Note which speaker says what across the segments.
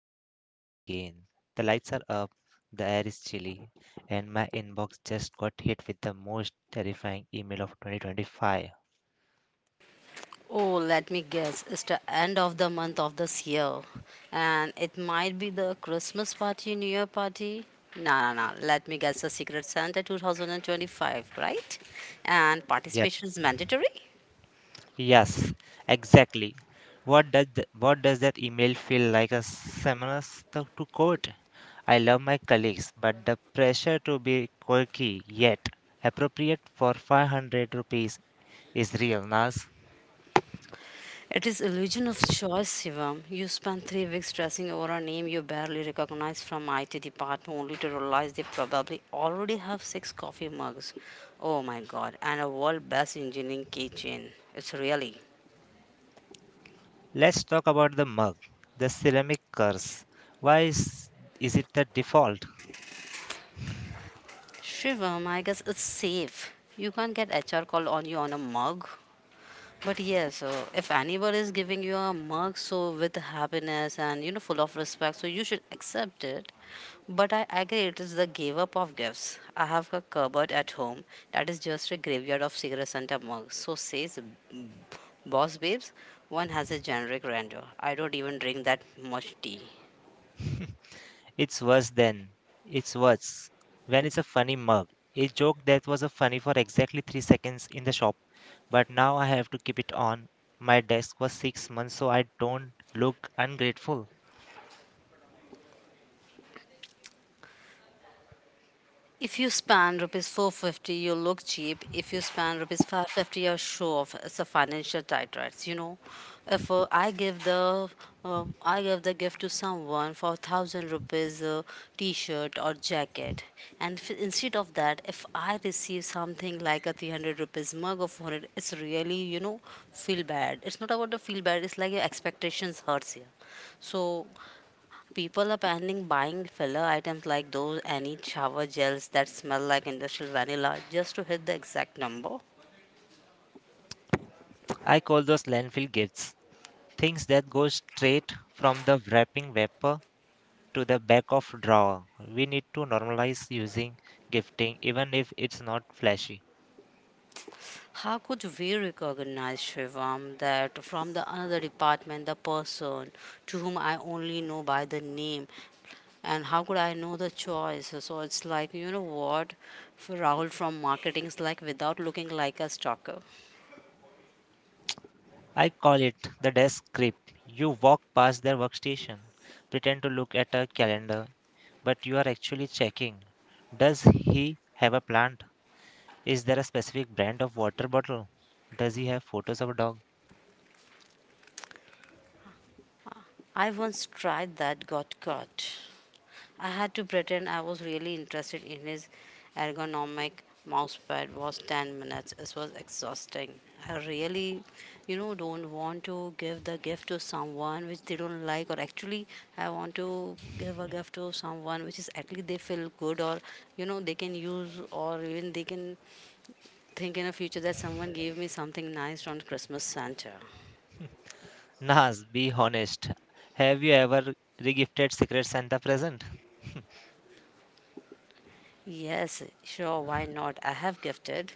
Speaker 1: that time of year again. The lights are up, the air is chilly, and my inbox just got hit with the most terrifying email of 2025.
Speaker 2: Oh, let me guess. It's the end of the month of this year. And it might be the Christmas party, New Year party. No, no, no. Let me guess. The Secret Santa 2025, right? And
Speaker 1: Yep.
Speaker 2: participation is mandatory?
Speaker 1: Yes. Exactly. What does that email feel like a seminar stuck to code? I love my colleagues, but the pressure to be quirky yet appropriate for 500 rupees is real, Nas.
Speaker 2: It is illusion of choice, Shivam. You spend 3 weeks stressing over a name you barely recognize from IT department only to realize they probably already have six coffee mugs. Oh my god, and a world best engineering keychain. It's really.
Speaker 1: Let's talk about the mug, the ceramic curse. Why is it the default?
Speaker 2: Shivam, I guess it's safe. You can't get HR call on you on a mug. But yeah, so if anybody is giving you a mug, so with happiness and full of respect, so you should accept it. But I agree, it is the give up of gifts. I have a cupboard at home that is just a graveyard of cigarettes and a mug. So says b- Boss Babes, one has a generic rando. I don't even drink that much tea.
Speaker 1: It's worse than. It's worse. When it's a funny mug. A joke that was a funny for exactly 3 seconds in the shop, but now I have to keep it on my desk for 6 months so I don't look ungrateful.
Speaker 2: If you spend rupees 450, you look cheap. If you spend rupees 550, you're show off. It's a financial tight rights. If I give the gift to someone for 1,000 rupees t-shirt or jacket, and instead of that, if I receive something like a 300 rupees mug or 400, it's really feel bad. It's not about the feel bad. It's like your expectations hurts here. So people are banning buying filler items like those any shower gels that smell like industrial vanilla just to hit the exact number.
Speaker 1: I call those landfill gifts, things that go straight from the wrapping wrapper to the back of drawer. We need to normalize using gifting even if it's not flashy.
Speaker 2: How could we recognize, Shivam, that from the another department, the person to whom I only know by the name, and how could I know the choice? So it's like you know what, for Rahul from marketing is like without looking like a stalker.
Speaker 1: I call it the desk creep. You walk past their workstation, pretend to look at a calendar, but you are actually checking. Does he have a plant? Is there a specific brand of water bottle? Does he have photos of a dog?
Speaker 2: I once tried that, got caught. I had to pretend I was really interested in his ergonomic mousepad was 10 minutes. It was exhausting. I really, don't want to give the gift to someone which they don't like, or actually, I want to give a gift to someone which is at least they feel good, or they can use, or even they can think in the future that someone gave me something nice on Christmas Santa.
Speaker 1: Nas, be honest. Have you ever regifted Secret Santa present
Speaker 2: Yes, sure, why not? I have gifted.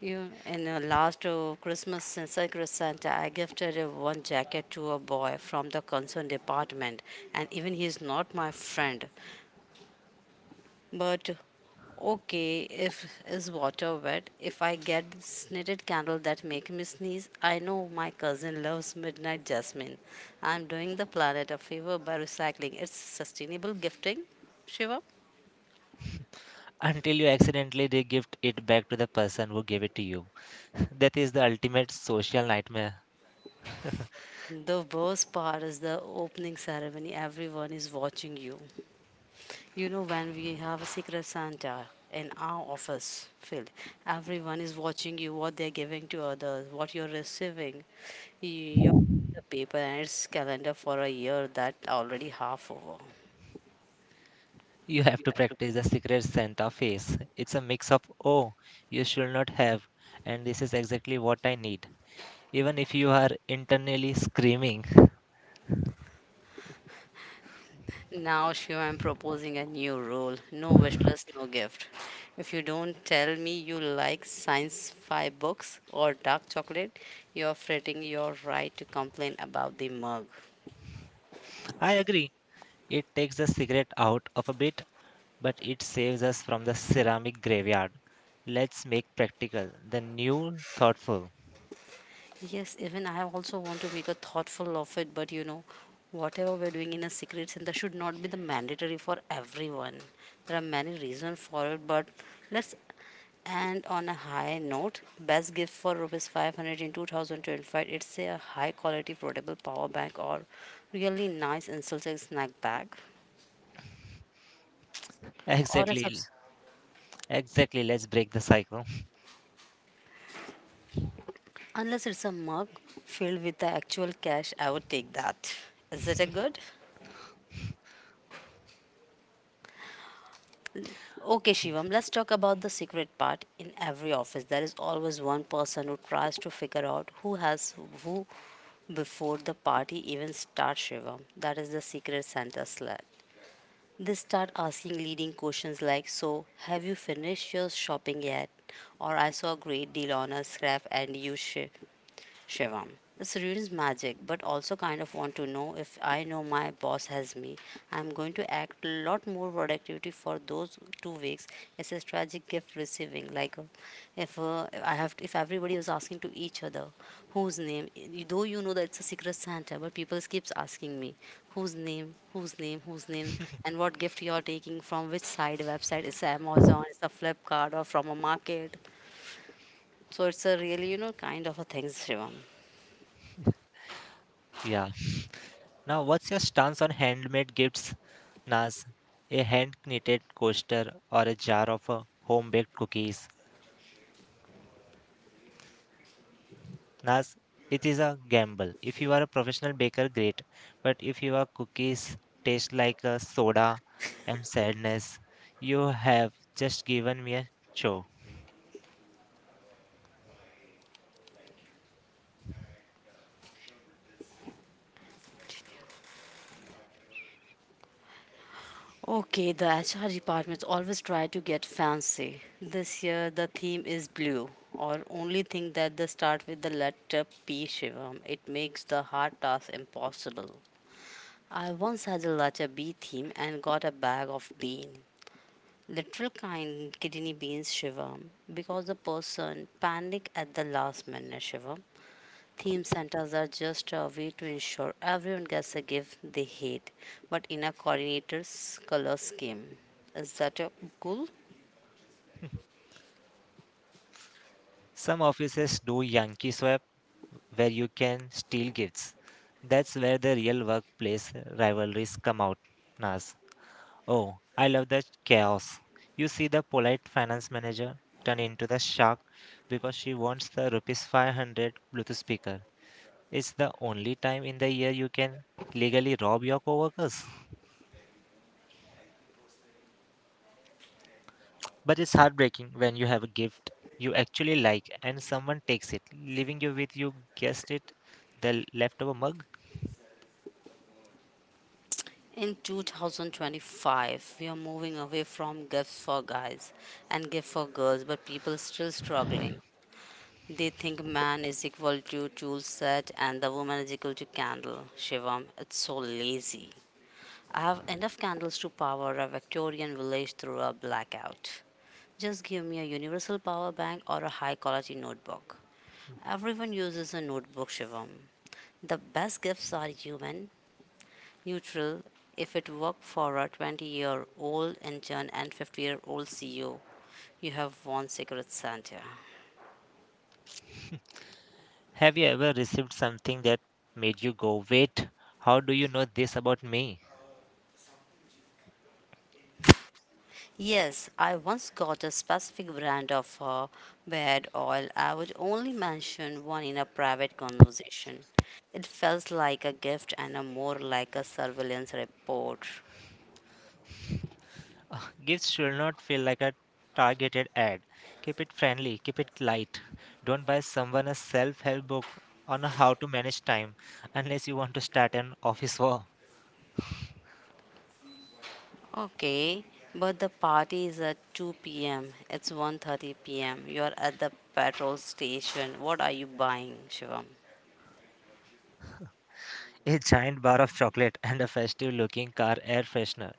Speaker 2: You in the last Christmas since Secret Santa, I gifted one jacket to a boy from the concern department, and even he is not my friend. But okay, if is water wet, if I get this knitted candle that make me sneeze, I know my cousin loves midnight jasmine. I'm doing the planet a favor by recycling. It's sustainable gifting, Shiva.
Speaker 1: until you accidentally regift it back to the person who gave it to you? That is the ultimate social nightmare.
Speaker 2: The worst part is the opening ceremony. Everyone is watching you. When we have a Secret Santa in our office field, everyone is watching you, what they're giving to others, what you're receiving. Your paper and its calendar for a year that already half over.
Speaker 1: You have to practice the secret Santa face. It's a mix of, oh, you should not have, and this is exactly what I need. Even if you are internally screaming,
Speaker 2: Now, Shiva, I'm proposing a new rule, no wish list, no gift. If you don't tell me you like science fi books or dark chocolate, you're fretting your right to complain about the mug.
Speaker 1: I agree. It takes the cigarette out of a bit, but it saves us from the ceramic graveyard. Let's make practical, the new thoughtful.
Speaker 2: Yes, even I also want to make a thoughtful of it, but whatever we're doing in a secret center should not be the mandatory for everyone. There are many reasons for it, but let's end on a high note. Best gift for rupees 500 in 2025. It's a high quality portable power bank or really nice insulated snack bag or a
Speaker 1: Exactly,
Speaker 2: subs.
Speaker 1: exactly. Let's break the cycle.
Speaker 2: Unless it's a mug filled with the actual cash, I would take that. Is it a good? Okay, Shivam, let's talk about the secret part. In every office, there is always one person who tries to figure out who has who before the party even starts, Shivam. That is the secret Santa slut. They start asking leading questions like, so, have you finished your shopping yet? Or, I saw a great deal on a scrap and you should. Shivam, this read is magic, but also kind of want to know if I know my boss has me. I'm going to act a lot more productivity for those 2 weeks. It's a strategic gift receiving. Like if I have, if everybody was asking to each other, whose name? Though you know that it's a secret Santa, but people keeps asking me, whose name, whose name, whose name, and what gift you are taking from which side website? It's Amazon, it's a Flipkart, or from a market. So it's a really kind of a things, Shivam.
Speaker 1: Yeah. Now, what's your stance on handmade gifts, Naz? A hand knitted coaster or a jar of home baked cookies? Nas, it is a gamble. If you are a professional baker, great. But if your cookies taste like a soda and sadness, you have just given me a show.
Speaker 2: Okay, the HR departments always try to get fancy. This year the theme is blue, or only thing that they start with the letter P, Shivam. It makes the hard task impossible. I once had a letter B theme and got a bag of bean. Literal kind kidney beans, Shivam, because the person panicked at the last minute, Shivam. Theme centers are just a way to ensure everyone gets a gift they hate, but in a coordinator's color scheme. Is that a goal?
Speaker 1: Some offices do Yankee swap where you can steal gifts. That's where the real workplace rivalries come out, Nas. Oh, I love the chaos. You see the polite finance manager turn into the shark because she wants the rupees 500 Bluetooth speaker. It's the only time in the year you can legally rob your coworkers. But it's heartbreaking when you have a gift you actually like and someone takes it, leaving you with you guessed it, the leftover mug.
Speaker 2: In 2025, we are moving away from gifts for guys and gifts for girls, but people are still struggling. They think man is equal to tool set and the woman is equal to candle. Shivam, it's so lazy. I have enough candles to power a Victorian village through a blackout. Just give me a universal power bank or a high quality notebook. Everyone uses a notebook, Shivam. The best gifts are human, neutral, if it worked for a 20-year-old intern and 50-year-old CEO. You have won Secret Santa.
Speaker 1: Have you ever received something that made you go, wait, how do you know this about me?
Speaker 2: Yes, I once got a specific brand of bed oil. I would only mention one in a private conversation. It felt like a gift and a more like a surveillance report.
Speaker 1: Gifts should not feel like a targeted ad. Keep it friendly, keep it light. Don't buy someone a self help book on how to manage time unless you want to start an office war.
Speaker 2: Okay, but the party is at 2 p.m. It's 1:30 p.m. You are at the petrol station. What are you buying, Shivam?
Speaker 1: A giant bar of chocolate and a festive looking car air freshener.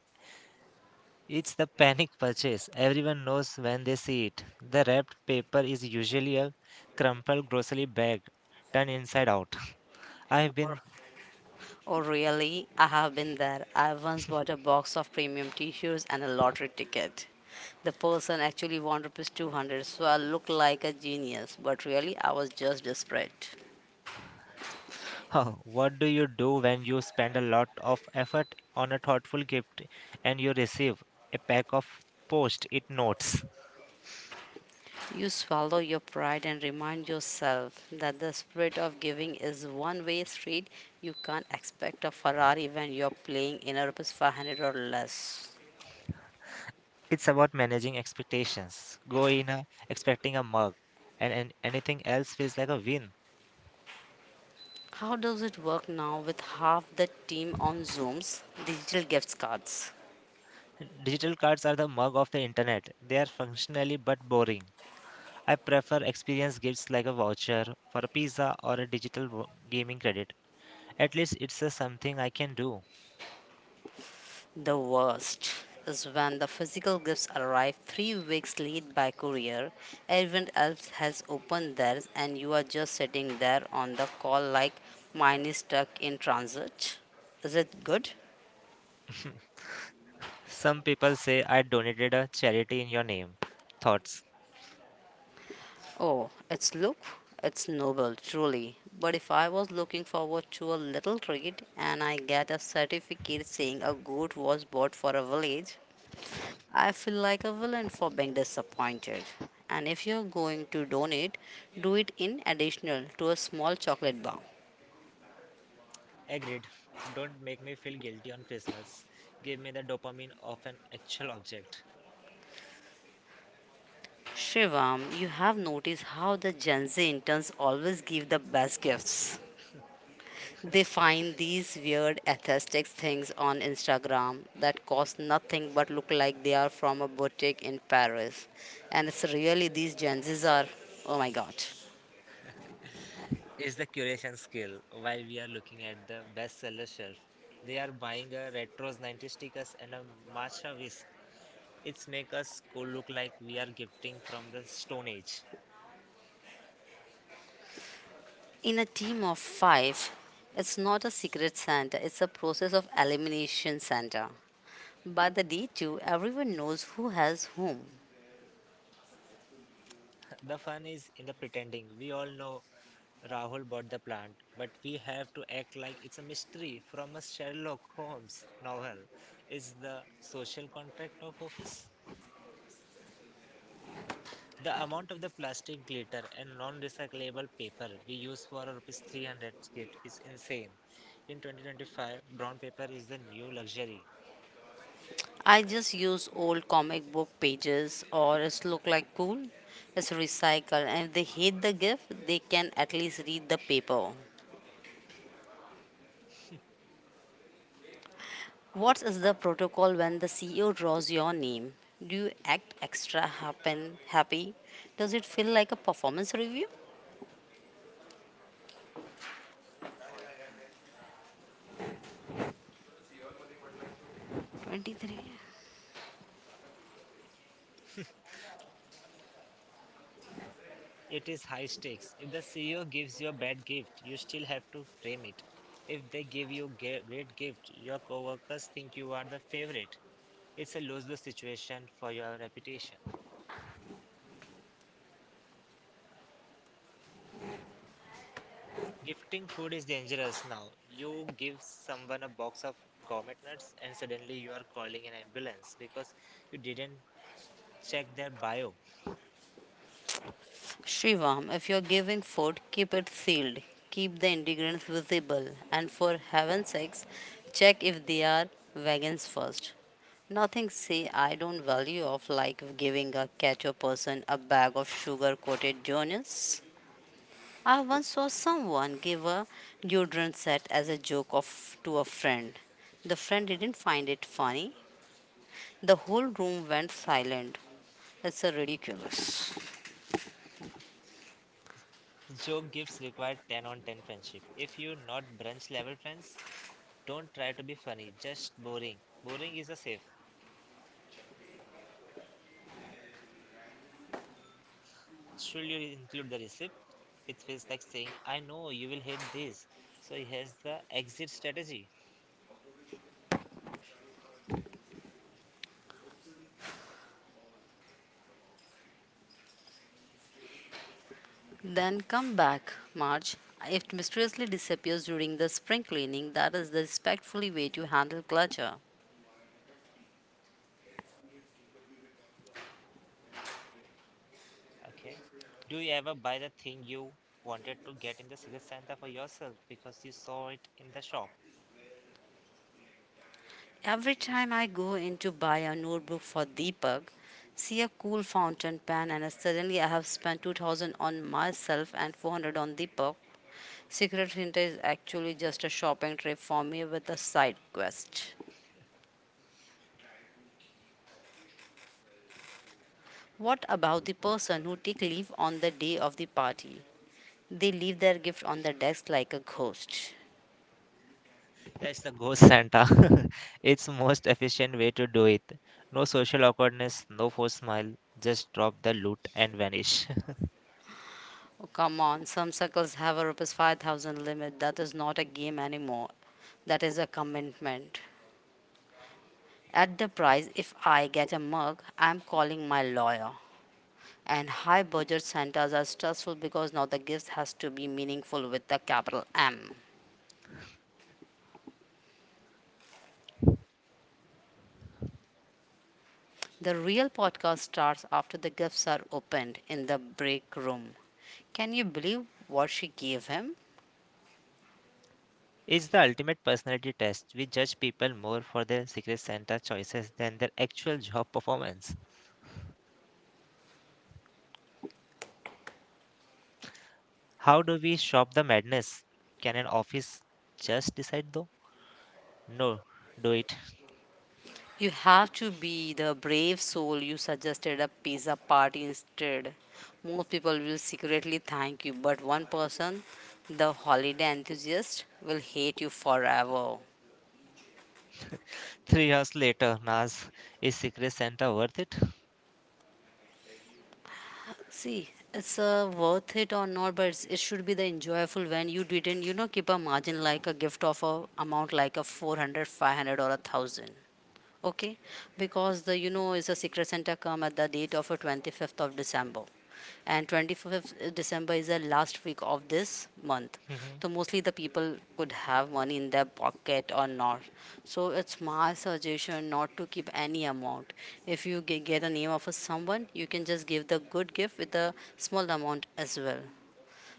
Speaker 1: It's the panic purchase. Everyone knows when they see it. The wrapped paper is usually a crumpled grocery bag turned inside out. I've
Speaker 2: Or
Speaker 1: been.
Speaker 2: oh, really? I have been there. I once bought a box of premium t shirts and a lottery ticket. The person actually won rupees 200, so I looked like a genius, but really I was just desperate.
Speaker 1: What do you do when you spend a lot of effort on a thoughtful gift and you receive a pack of post it notes?
Speaker 2: You swallow your pride and remind yourself that the spirit of giving is one way street. You can't expect a Ferrari when you're playing in a rupees 500 or less.
Speaker 1: It's about managing expectations. Go in a, expecting a mug, and anything else feels like a win.
Speaker 2: How does it work now with half the team on Zoom's digital gift cards?
Speaker 1: Digital cards are the mug of the internet. They are functionally but boring. I prefer experience gifts like a voucher for a pizza or a digital gaming credit. At least it's a something I can do.
Speaker 2: The worst is when the physical gifts arrive 3 weeks late by courier, everyone else has opened theirs, and you are just sitting there on the call like mine is stuck in transit. Is it good?
Speaker 1: Some people say I donated a charity in your name. Thoughts?
Speaker 2: Oh, it's look, it's noble, truly. But if I was looking forward to a little treat and I get a certificate saying a goat was bought for a village, I feel like a villain for being disappointed. And if you're going to donate, do it in additional to a small chocolate bar.
Speaker 1: Agreed. Don't make me feel guilty on Christmas. Give me the dopamine of an actual object.
Speaker 2: Shivam, you have noticed how the Gen Z interns always give the best gifts. They find these weird aesthetic things on Instagram that cost nothing but look like they are from a boutique in Paris. And it's really these Gen Zs are, oh my god.
Speaker 1: Is the curation skill. While we are looking at the bestseller shelf, they are buying a Retros 90 stickers and a matcha whisk. It's make us look like we are gifting from the Stone Age.
Speaker 2: In a team of five, it's not a secret Santa, it's a process of elimination Santa. By the day two, everyone knows who has whom.
Speaker 1: The fun is in the pretending. We all know Rahul bought the plant, but we have to act like it's a mystery from a Sherlock Holmes novel. It's the social contract of office. The amount of the plastic glitter and non-recyclable paper we use for a rupees 300 gift is insane. In 2025, brown paper is the new luxury.
Speaker 2: I just use old comic book pages or it's look like cool. It's recycled and if they hate the gift, they can at least read the paper. What is the protocol when the CEO draws your name? Do you act extra happy? Does it feel like a performance review? 23.
Speaker 1: It is high stakes. If the CEO gives you a bad gift, you still have to frame it. If they give you great gift, your coworkers think you are the favorite. It's a lose-lose situation for your reputation. Gifting food is dangerous now. You give someone a box of gourmet nuts and suddenly you are calling an ambulance because you didn't check their bio.
Speaker 2: Shrivam, if you're giving food, keep it sealed. Keep the ingredients visible. And for heaven's sakes, check if they are vegans first. Nothing say I don't value of like giving a catcher person a bag of sugar coated donuts. I once saw someone give a deodorant set as a joke of to a friend. The friend didn't find it funny. The whole room went silent. It's a ridiculous.
Speaker 1: Joe Gibbs required 10 on 10 friendship. If you're not brunch level friends, don't try to be funny, just boring. Boring is a safe. Should you include the receipt? It feels like saying, I know you will hate this, so here's the exit strategy.
Speaker 2: Then come back, March. If it mysteriously disappears during the spring cleaning, that is the respectfully way to handle clutter.
Speaker 1: Okay. Do you ever buy the thing you wanted to get in the Secret Santa for yourself because you saw it in the shop?
Speaker 2: Every time I go in to buy a notebook for Deepak, see a cool fountain pen, and suddenly I have spent 2000 on myself and 400 on Deepak. Secret Santa is actually just a shopping trip for me with a side quest. What about the person who take leave on the day of the party? They leave their gift on the desk like a ghost.
Speaker 1: That's the ghost Santa. It's most efficient way to do it. No social awkwardness, no forced smile, just drop the loot and vanish.
Speaker 2: Oh, come on. Some circles have a rupees 5,000 limit. That is not a game anymore. That is a commitment. At the price, if I get a mug, I'm calling my lawyer. And high budget centers are stressful because now the gift has to be meaningful with the capital M. The real podcast starts after the gifts are opened in the break room. Can you believe what she gave him?
Speaker 1: It's the ultimate personality test. We judge people more for their secret Santa choices than their actual job performance. How do we shop the madness? Can an office just decide though? No, do it.
Speaker 2: You have to be the brave soul you suggested a pizza party instead. Most people will secretly thank you, but one person, the holiday enthusiast, will hate you forever.
Speaker 1: 3 hours later, Nas, is secret Santa worth it?
Speaker 2: See, it's worth it or not, but it should be the enjoyable when you didn't, you know, keep a margin like a gift of a amount like a 400, 500, or a thousand. Okay, because the you know is a secret Santa come at the date of a 25th of December and 25th December is the last week of this month. So mostly the people could have money in their pocket or not. So it's my suggestion not to keep any amount. If you get a name of a someone, you can just give the good gift with a small amount as well.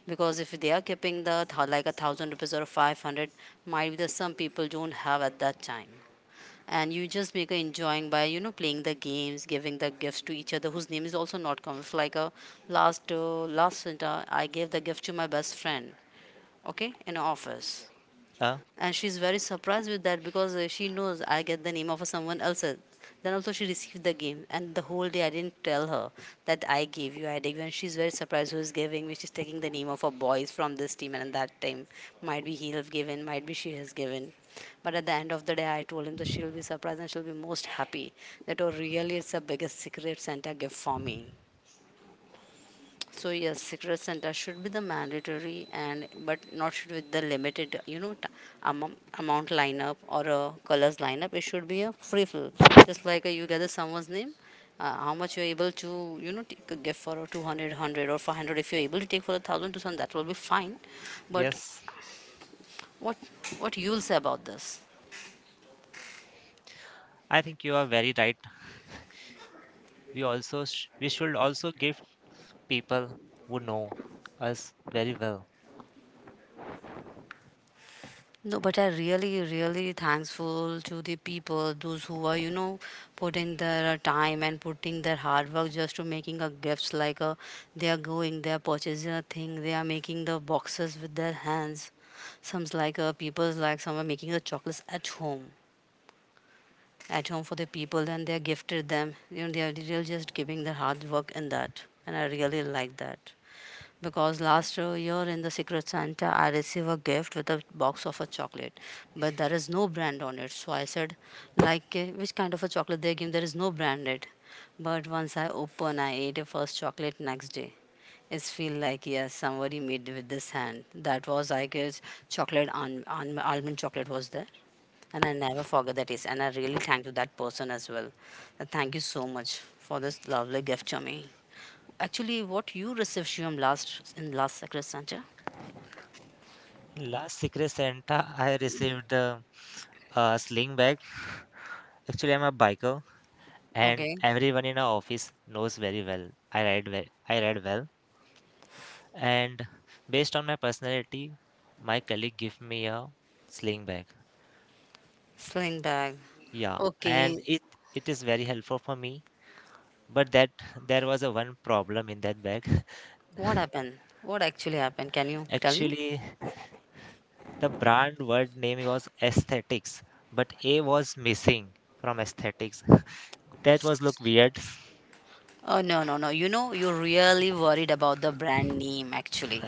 Speaker 2: Because if they are keeping the like a thousand rupees or 500, might be that some people don't have at that time, and you just make a enjoying by you know playing the games giving the gifts to each other whose name is also not common. If like a last last winter I gave the gift to my best friend, okay, in office.
Speaker 1: uh,
Speaker 2: And she's very surprised with that because she knows I get the name of someone else. Then also she received the game, and the whole day I didn't tell her that I gave you, and she's very surprised who is giving me. She's taking the name of a boys from this team, and that time might be he have given, might be she has given. But at the end of the day, I told him that she'll be surprised and she'll be most happy that oh really it's the biggest secret Santa gift for me. So yes, secret center should be the mandatory and but not should with the limited you know amount, amount lineup or a colors lineup. It should be a free flow, just like you gather someone's name. How much you're able to you know take a gift for a 200, hundred or 500, if you're able to take for a thousand, 2,000, that will be fine but
Speaker 1: yes.
Speaker 2: what what you'll say about this.
Speaker 1: I think you are very right. We should also give people who know us very well.
Speaker 2: No, but I really, really thankful to the people, those who are, you know, putting their time and putting their hard work just to making a gifts like a, they are going, they are purchasing a thing, they are making the boxes with their hands. Some's like a people's like some are making the chocolates at home for the people, and they are gifted them. You know, they are really just giving their hard work in that, and I really like that. Because last year in the Secret Santa, I received a gift with a box of a chocolate, but there is no brand on it. So I said, like, eh, which kind of a chocolate they give? There is no branded." But once I open, I ate a first chocolate next day. It feel like yes, somebody made with this hand. That was I guess chocolate on almond chocolate was there, and I never forget that is. And I really thank to that person as well. Thank you so much for this lovely gift to me. Actually, what you received Shivam last in last secret Santa?
Speaker 1: Last Secret Santa, I received a sling bag. Actually, I'm a biker, and
Speaker 2: Okay,
Speaker 1: everyone in our office knows very well. I ride well. I ride well, and based on my personality, my colleague gave me a sling bag.
Speaker 2: sling bag.
Speaker 1: Yeah, and
Speaker 2: Okay,
Speaker 1: it is very helpful for me. But that there was a one problem in that bag.
Speaker 2: what happened? What actually happened? Can you tell me?
Speaker 1: Actually, the brand word name was aesthetics, but A was missing from aesthetics. That was look weird.
Speaker 2: Oh no no no! You know you're really worried about the brand name. Actually,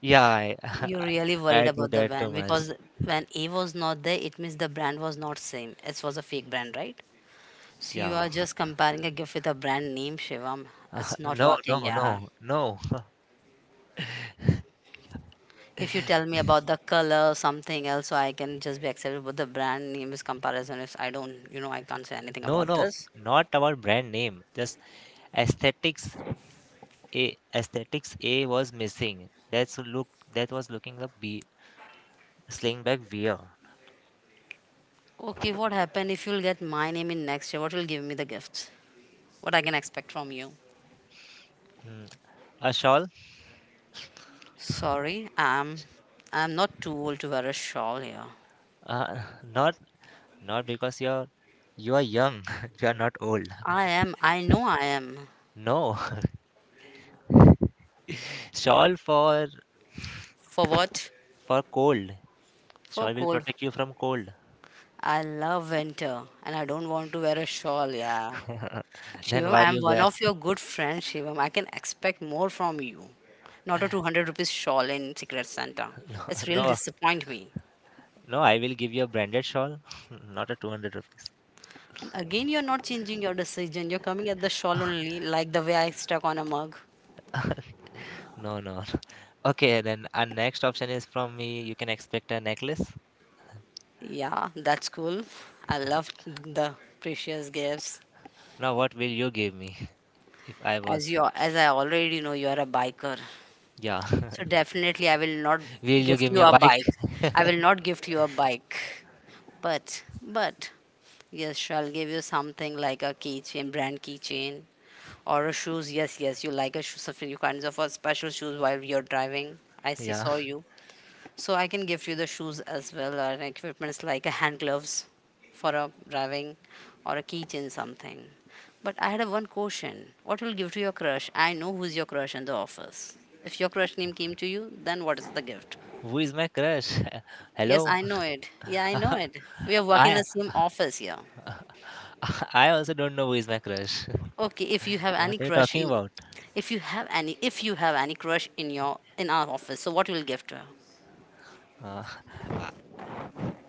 Speaker 1: Yeah,
Speaker 2: you're really worried
Speaker 1: I do
Speaker 2: about the
Speaker 1: that too
Speaker 2: brand
Speaker 1: much.
Speaker 2: because when A was not there, it means the brand was not same. It was a fake brand, right? So you
Speaker 1: Yeah.
Speaker 2: are just comparing a gift with a brand name, Shivam. It's not
Speaker 1: No,
Speaker 2: working,
Speaker 1: no,
Speaker 2: yeah.
Speaker 1: no, no,
Speaker 2: If you tell me about the color, something else, so I can just be excited. But the brand name is comparison. If I don't, you know, I can't say anything
Speaker 1: no,
Speaker 2: about
Speaker 1: no.
Speaker 2: this.
Speaker 1: Not about brand name. Just aesthetics. A aesthetics A was missing. That's look. That was looking up B sling back weird.
Speaker 2: Okay, what happened if you'll get my name in next year? What will give me the gift? What I can expect from you?
Speaker 1: Mm, a shawl?
Speaker 2: Sorry, I'm not too old to wear a shawl here.
Speaker 1: Uh, not not because you are young. You are not old.
Speaker 2: I am. I know I am.
Speaker 1: No. Shawl
Speaker 2: For what?
Speaker 1: for cold.
Speaker 2: For
Speaker 1: Shawl will
Speaker 2: cold.
Speaker 1: protect you from cold.
Speaker 2: I love winter, and I don't want to wear a shawl. Yeah.
Speaker 1: Then
Speaker 2: Shivam,
Speaker 1: why
Speaker 2: I'm
Speaker 1: you
Speaker 2: one
Speaker 1: wear?
Speaker 2: of your good friends, Shivam. I can expect more from you. Not a 200 rupees shawl in Secret Santa. It's really
Speaker 1: No,
Speaker 2: disappoint me.
Speaker 1: no. I will give you a branded shawl, not a 200 rupees.
Speaker 2: Again, you're not changing your decision. You're coming at the shawl only, like the way I stuck on a mug.
Speaker 1: No, no. Okay, then our next option is from me. You can expect a necklace.
Speaker 2: Yeah, that's cool. I love the precious gifts.
Speaker 1: Now, what will you give me if I was?
Speaker 2: As I already know, you are a biker.
Speaker 1: Yeah.
Speaker 2: So definitely, I will not
Speaker 1: Will you
Speaker 2: gift
Speaker 1: give
Speaker 2: you
Speaker 1: me a
Speaker 2: a
Speaker 1: bike?
Speaker 2: bike. I will not gift you a bike. But, yes, she'll give you something like a keychain, brand keychain, or a shoes. Yes, yes, you like a shoe, something you kind of a special shoes while you're driving.
Speaker 1: Yeah.
Speaker 2: Saw you. So I can gift you the shoes as well, or an equipments like a hand gloves for a driving, or a keychain something. But I had a one question: What will give to your crush? I know who's your crush in the office. If your crush name came to you, then what is the gift?
Speaker 1: Who is my crush?
Speaker 2: Yes,
Speaker 1: Hello.
Speaker 2: I know it. Yeah, I know it. We are working in
Speaker 1: I
Speaker 2: the same office here.
Speaker 1: I also don't know who is my crush.
Speaker 2: Okay, if you have any
Speaker 1: What are you
Speaker 2: crush
Speaker 1: talking
Speaker 2: in,
Speaker 1: about?
Speaker 2: if you have any, if you have any crush in your in our office, so what will give to her?
Speaker 1: Uh, I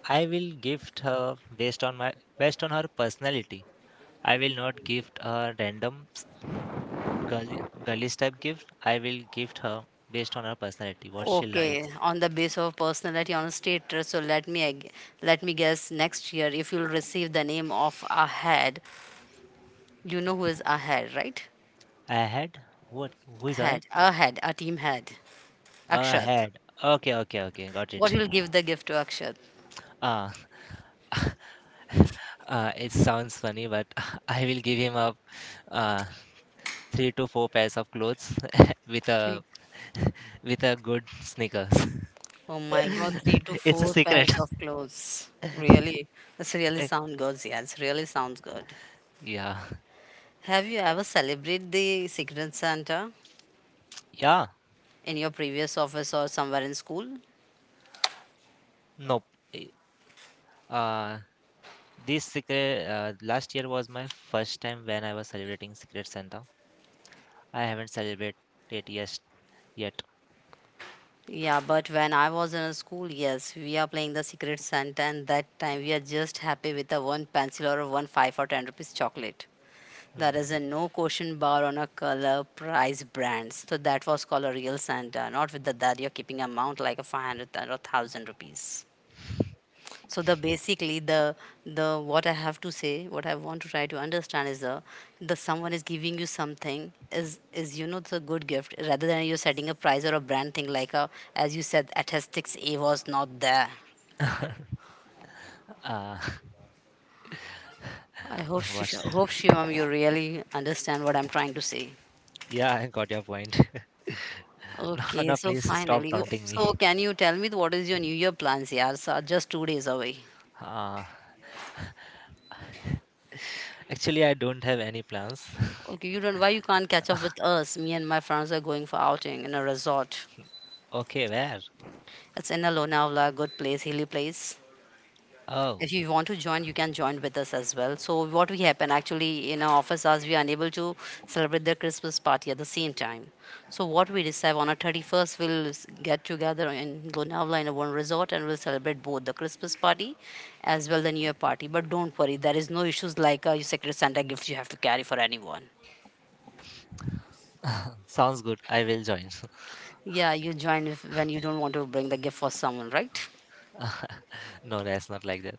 Speaker 1: I will gift her based on my based on her personality. I will not gift a random girly girly type gift. I will gift her based on her personality, what she
Speaker 2: Okay,
Speaker 1: likes.
Speaker 2: on the basis of personality on a state trust, so let me let me guess next year if you'll receive the name of a head, you know who is a head, right?
Speaker 1: A head? What? Who is that?
Speaker 2: Head, a team head,
Speaker 1: A
Speaker 2: Akshat.
Speaker 1: head. Okay, okay, okay. Got
Speaker 2: What
Speaker 1: it.
Speaker 2: you will give the gift to Akshat?
Speaker 1: Uh, it sounds funny, but I will give him a uh, three to four pairs of clothes with a
Speaker 2: Three.
Speaker 1: with a good sneakers.
Speaker 2: Oh my God, three to
Speaker 1: It's a
Speaker 2: four
Speaker 1: secret.
Speaker 2: pairs of clothes.
Speaker 1: Eh,
Speaker 2: Really, this really sounds good. Yes, really sounds good.
Speaker 1: yeah,
Speaker 2: Have you ever celebrated the Secret Santa
Speaker 1: yeah,
Speaker 2: in your previous office or somewhere in school?
Speaker 1: no. eh, Uh, this secret last year was my first time when I was celebrating Secret Santa. I haven't celebrated it yet.
Speaker 2: Yeah, but when I was in a school, yes, we are playing the Secret Santa, and that time we are just happy with a one pencil or 1 5 or ten rupees chocolate. There
Speaker 1: Hmm.
Speaker 2: is a no question bar on a color price brands. So that was called a real Santa, not with the that you're keeping amount like a 500 or 1,000 rupees. So the basically the what I have to say, what I want to try to understand is the someone is giving you something is you know the good gift rather than you're setting a price or a brand thing like a, as you said statistics A was not there.
Speaker 1: uh,
Speaker 2: I hope
Speaker 1: what?
Speaker 2: Sh- hope shivam you really understand what I'm trying to say.
Speaker 1: Yeah, I got your point. No,
Speaker 2: Okay,
Speaker 1: no,
Speaker 2: so
Speaker 1: please stop
Speaker 2: finally
Speaker 1: taunting me.
Speaker 2: so can you tell me what is your new year plans, yeah, so just two days away.
Speaker 1: Uh, Actually, I don't have any plans.
Speaker 2: Okay, you don't, why you can't catch up with us? Me and my friends are going for outing in a resort.
Speaker 1: Okay, where?
Speaker 2: It's in Lonavala, a good place, hilly place.
Speaker 1: Oh,
Speaker 2: If you want to join, you can join with us as well. So what we happen actually in our office hours, we are unable to celebrate the Christmas party at the same time. So what we decide on our 31st, we'll get together in Lonavala in a one resort and we'll celebrate both the Christmas party as well the New Year party. But don't worry, there is no issues like your Secret Santa gift you have to carry for anyone.
Speaker 1: sounds good. I will join.
Speaker 2: Yeah, you join if, when you don't want to bring the gift for someone, right?
Speaker 1: No, that's not like that.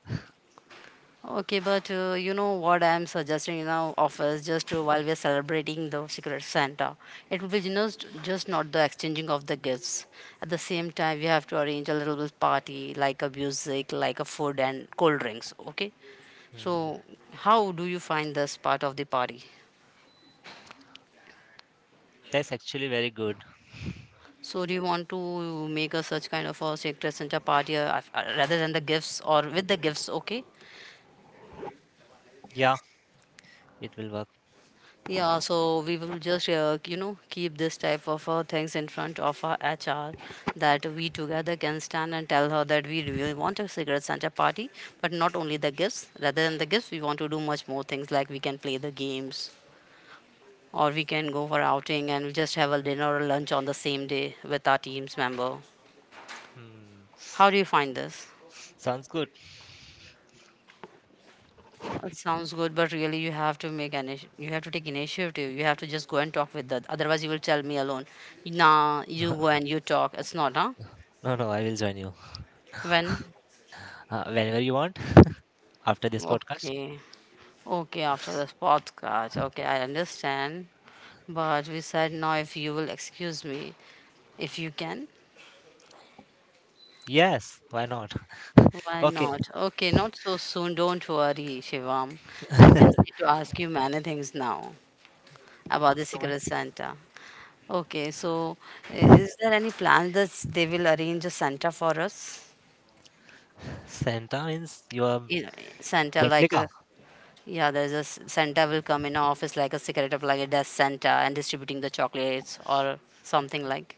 Speaker 2: Okay, but you know what I'm suggesting in our office just while we're celebrating the Secret Santa. It will be you know, just not the exchanging of the gifts. At the same time, we have to arrange a little bit party, like a music, like a food and cold drinks. Okay,
Speaker 1: Hmm.
Speaker 2: so how do you find this part of the party?
Speaker 1: That's actually very good.
Speaker 2: So do you want to make a such kind of a Secret Santa party rather than the gifts or with the gifts? Okay,
Speaker 1: Yeah, it will work.
Speaker 2: yeah, so we will just, you know, keep this type of things in front of our HR that we together can stand and tell her that we really want a cigarette Santa party, but not only the gifts. Rather than the gifts, we want to do much more things like we can play the games or we can go for outing and just have a dinner or lunch on the same day with our team's member.
Speaker 1: Hmm.
Speaker 2: How do you find this?
Speaker 1: Sounds good.
Speaker 2: It sounds good, but really you have to make an you have to take initiative. You have to just go and talk with that. Otherwise, you will tell me alone. Nah, you go and you talk. It's not, huh?
Speaker 1: No, no, no, I will join you
Speaker 2: When?
Speaker 1: whenever you want after this podcast.
Speaker 2: Okay, okay. After this podcast, okay, I understand. But we said now, if you will excuse me, if you can,
Speaker 1: Yes, why not?
Speaker 2: why
Speaker 1: Okay,
Speaker 2: not? Okay, not so soon. Don't worry, Shivam. I just need to ask you many things now about the
Speaker 1: so my
Speaker 2: Secret Santa. Okay, so is there any plan that they will arrange a Santa for us?
Speaker 1: Santa means your
Speaker 2: You know, Santa like
Speaker 1: replica.
Speaker 2: a yeah, there's a Santa will come in our office like a secret of like a desk Santa and distributing the chocolates or something like.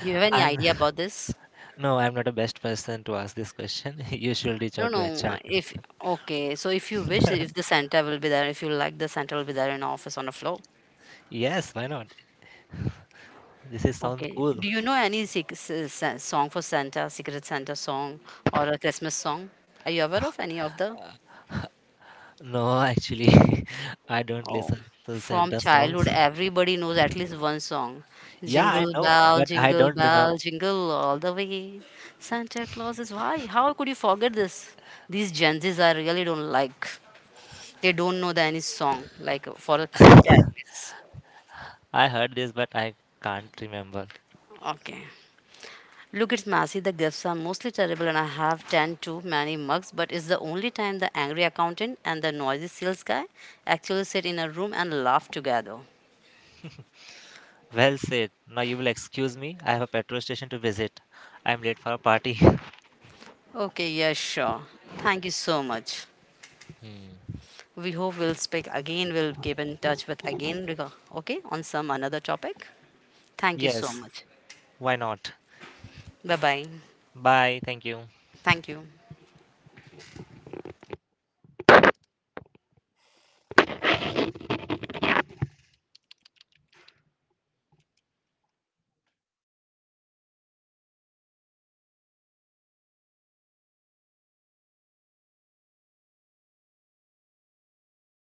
Speaker 2: Do you have any
Speaker 1: I'm
Speaker 2: idea about this?
Speaker 1: no, I'm not a best person to ask this question. You should reach
Speaker 2: No,
Speaker 1: out to HR.
Speaker 2: no. If Okay, so if you wish, if the Santa will be there, if you like, the Santa will be there in office on the floor.
Speaker 1: Yes, why not? This is sounds
Speaker 2: Okay.
Speaker 1: cool.
Speaker 2: Do you know any song for Santa, Secret Santa song, or a Christmas song? Are you aware of any of the?
Speaker 1: No, actually, I don't
Speaker 2: Oh,
Speaker 1: listen to
Speaker 2: from
Speaker 1: Santa songs.
Speaker 2: childhood, everybody knows at least one song.
Speaker 1: Yeah, I
Speaker 2: Jingle
Speaker 1: know,
Speaker 2: bell,
Speaker 1: but I
Speaker 2: jingle
Speaker 1: don't remember.
Speaker 2: bell, jingle all the way. Santa Claus is why? How could you forget this? These Gen Zs I really don't like. They don't know the any song like for a Santa at least.
Speaker 1: I heard this, but I can't remember.
Speaker 2: Okay. Look, it's messy. The gifts are mostly terrible, and I have 10 too many mugs. But it's the only time the angry accountant and the noisy sales guy actually sit in a room and laugh together.
Speaker 1: Well said. Now you will excuse me. I have a petrol station to visit. I'm late for a party.
Speaker 2: Okay, yeah, sure. Thank you so much.
Speaker 1: Hmm.
Speaker 2: We hope we'll speak again. We'll keep in touch with again, okay, on some another topic. Thank you so
Speaker 1: Yes,
Speaker 2: much.
Speaker 1: why not?
Speaker 2: Bye bye.
Speaker 1: Bye. Thank you.
Speaker 2: Thank you.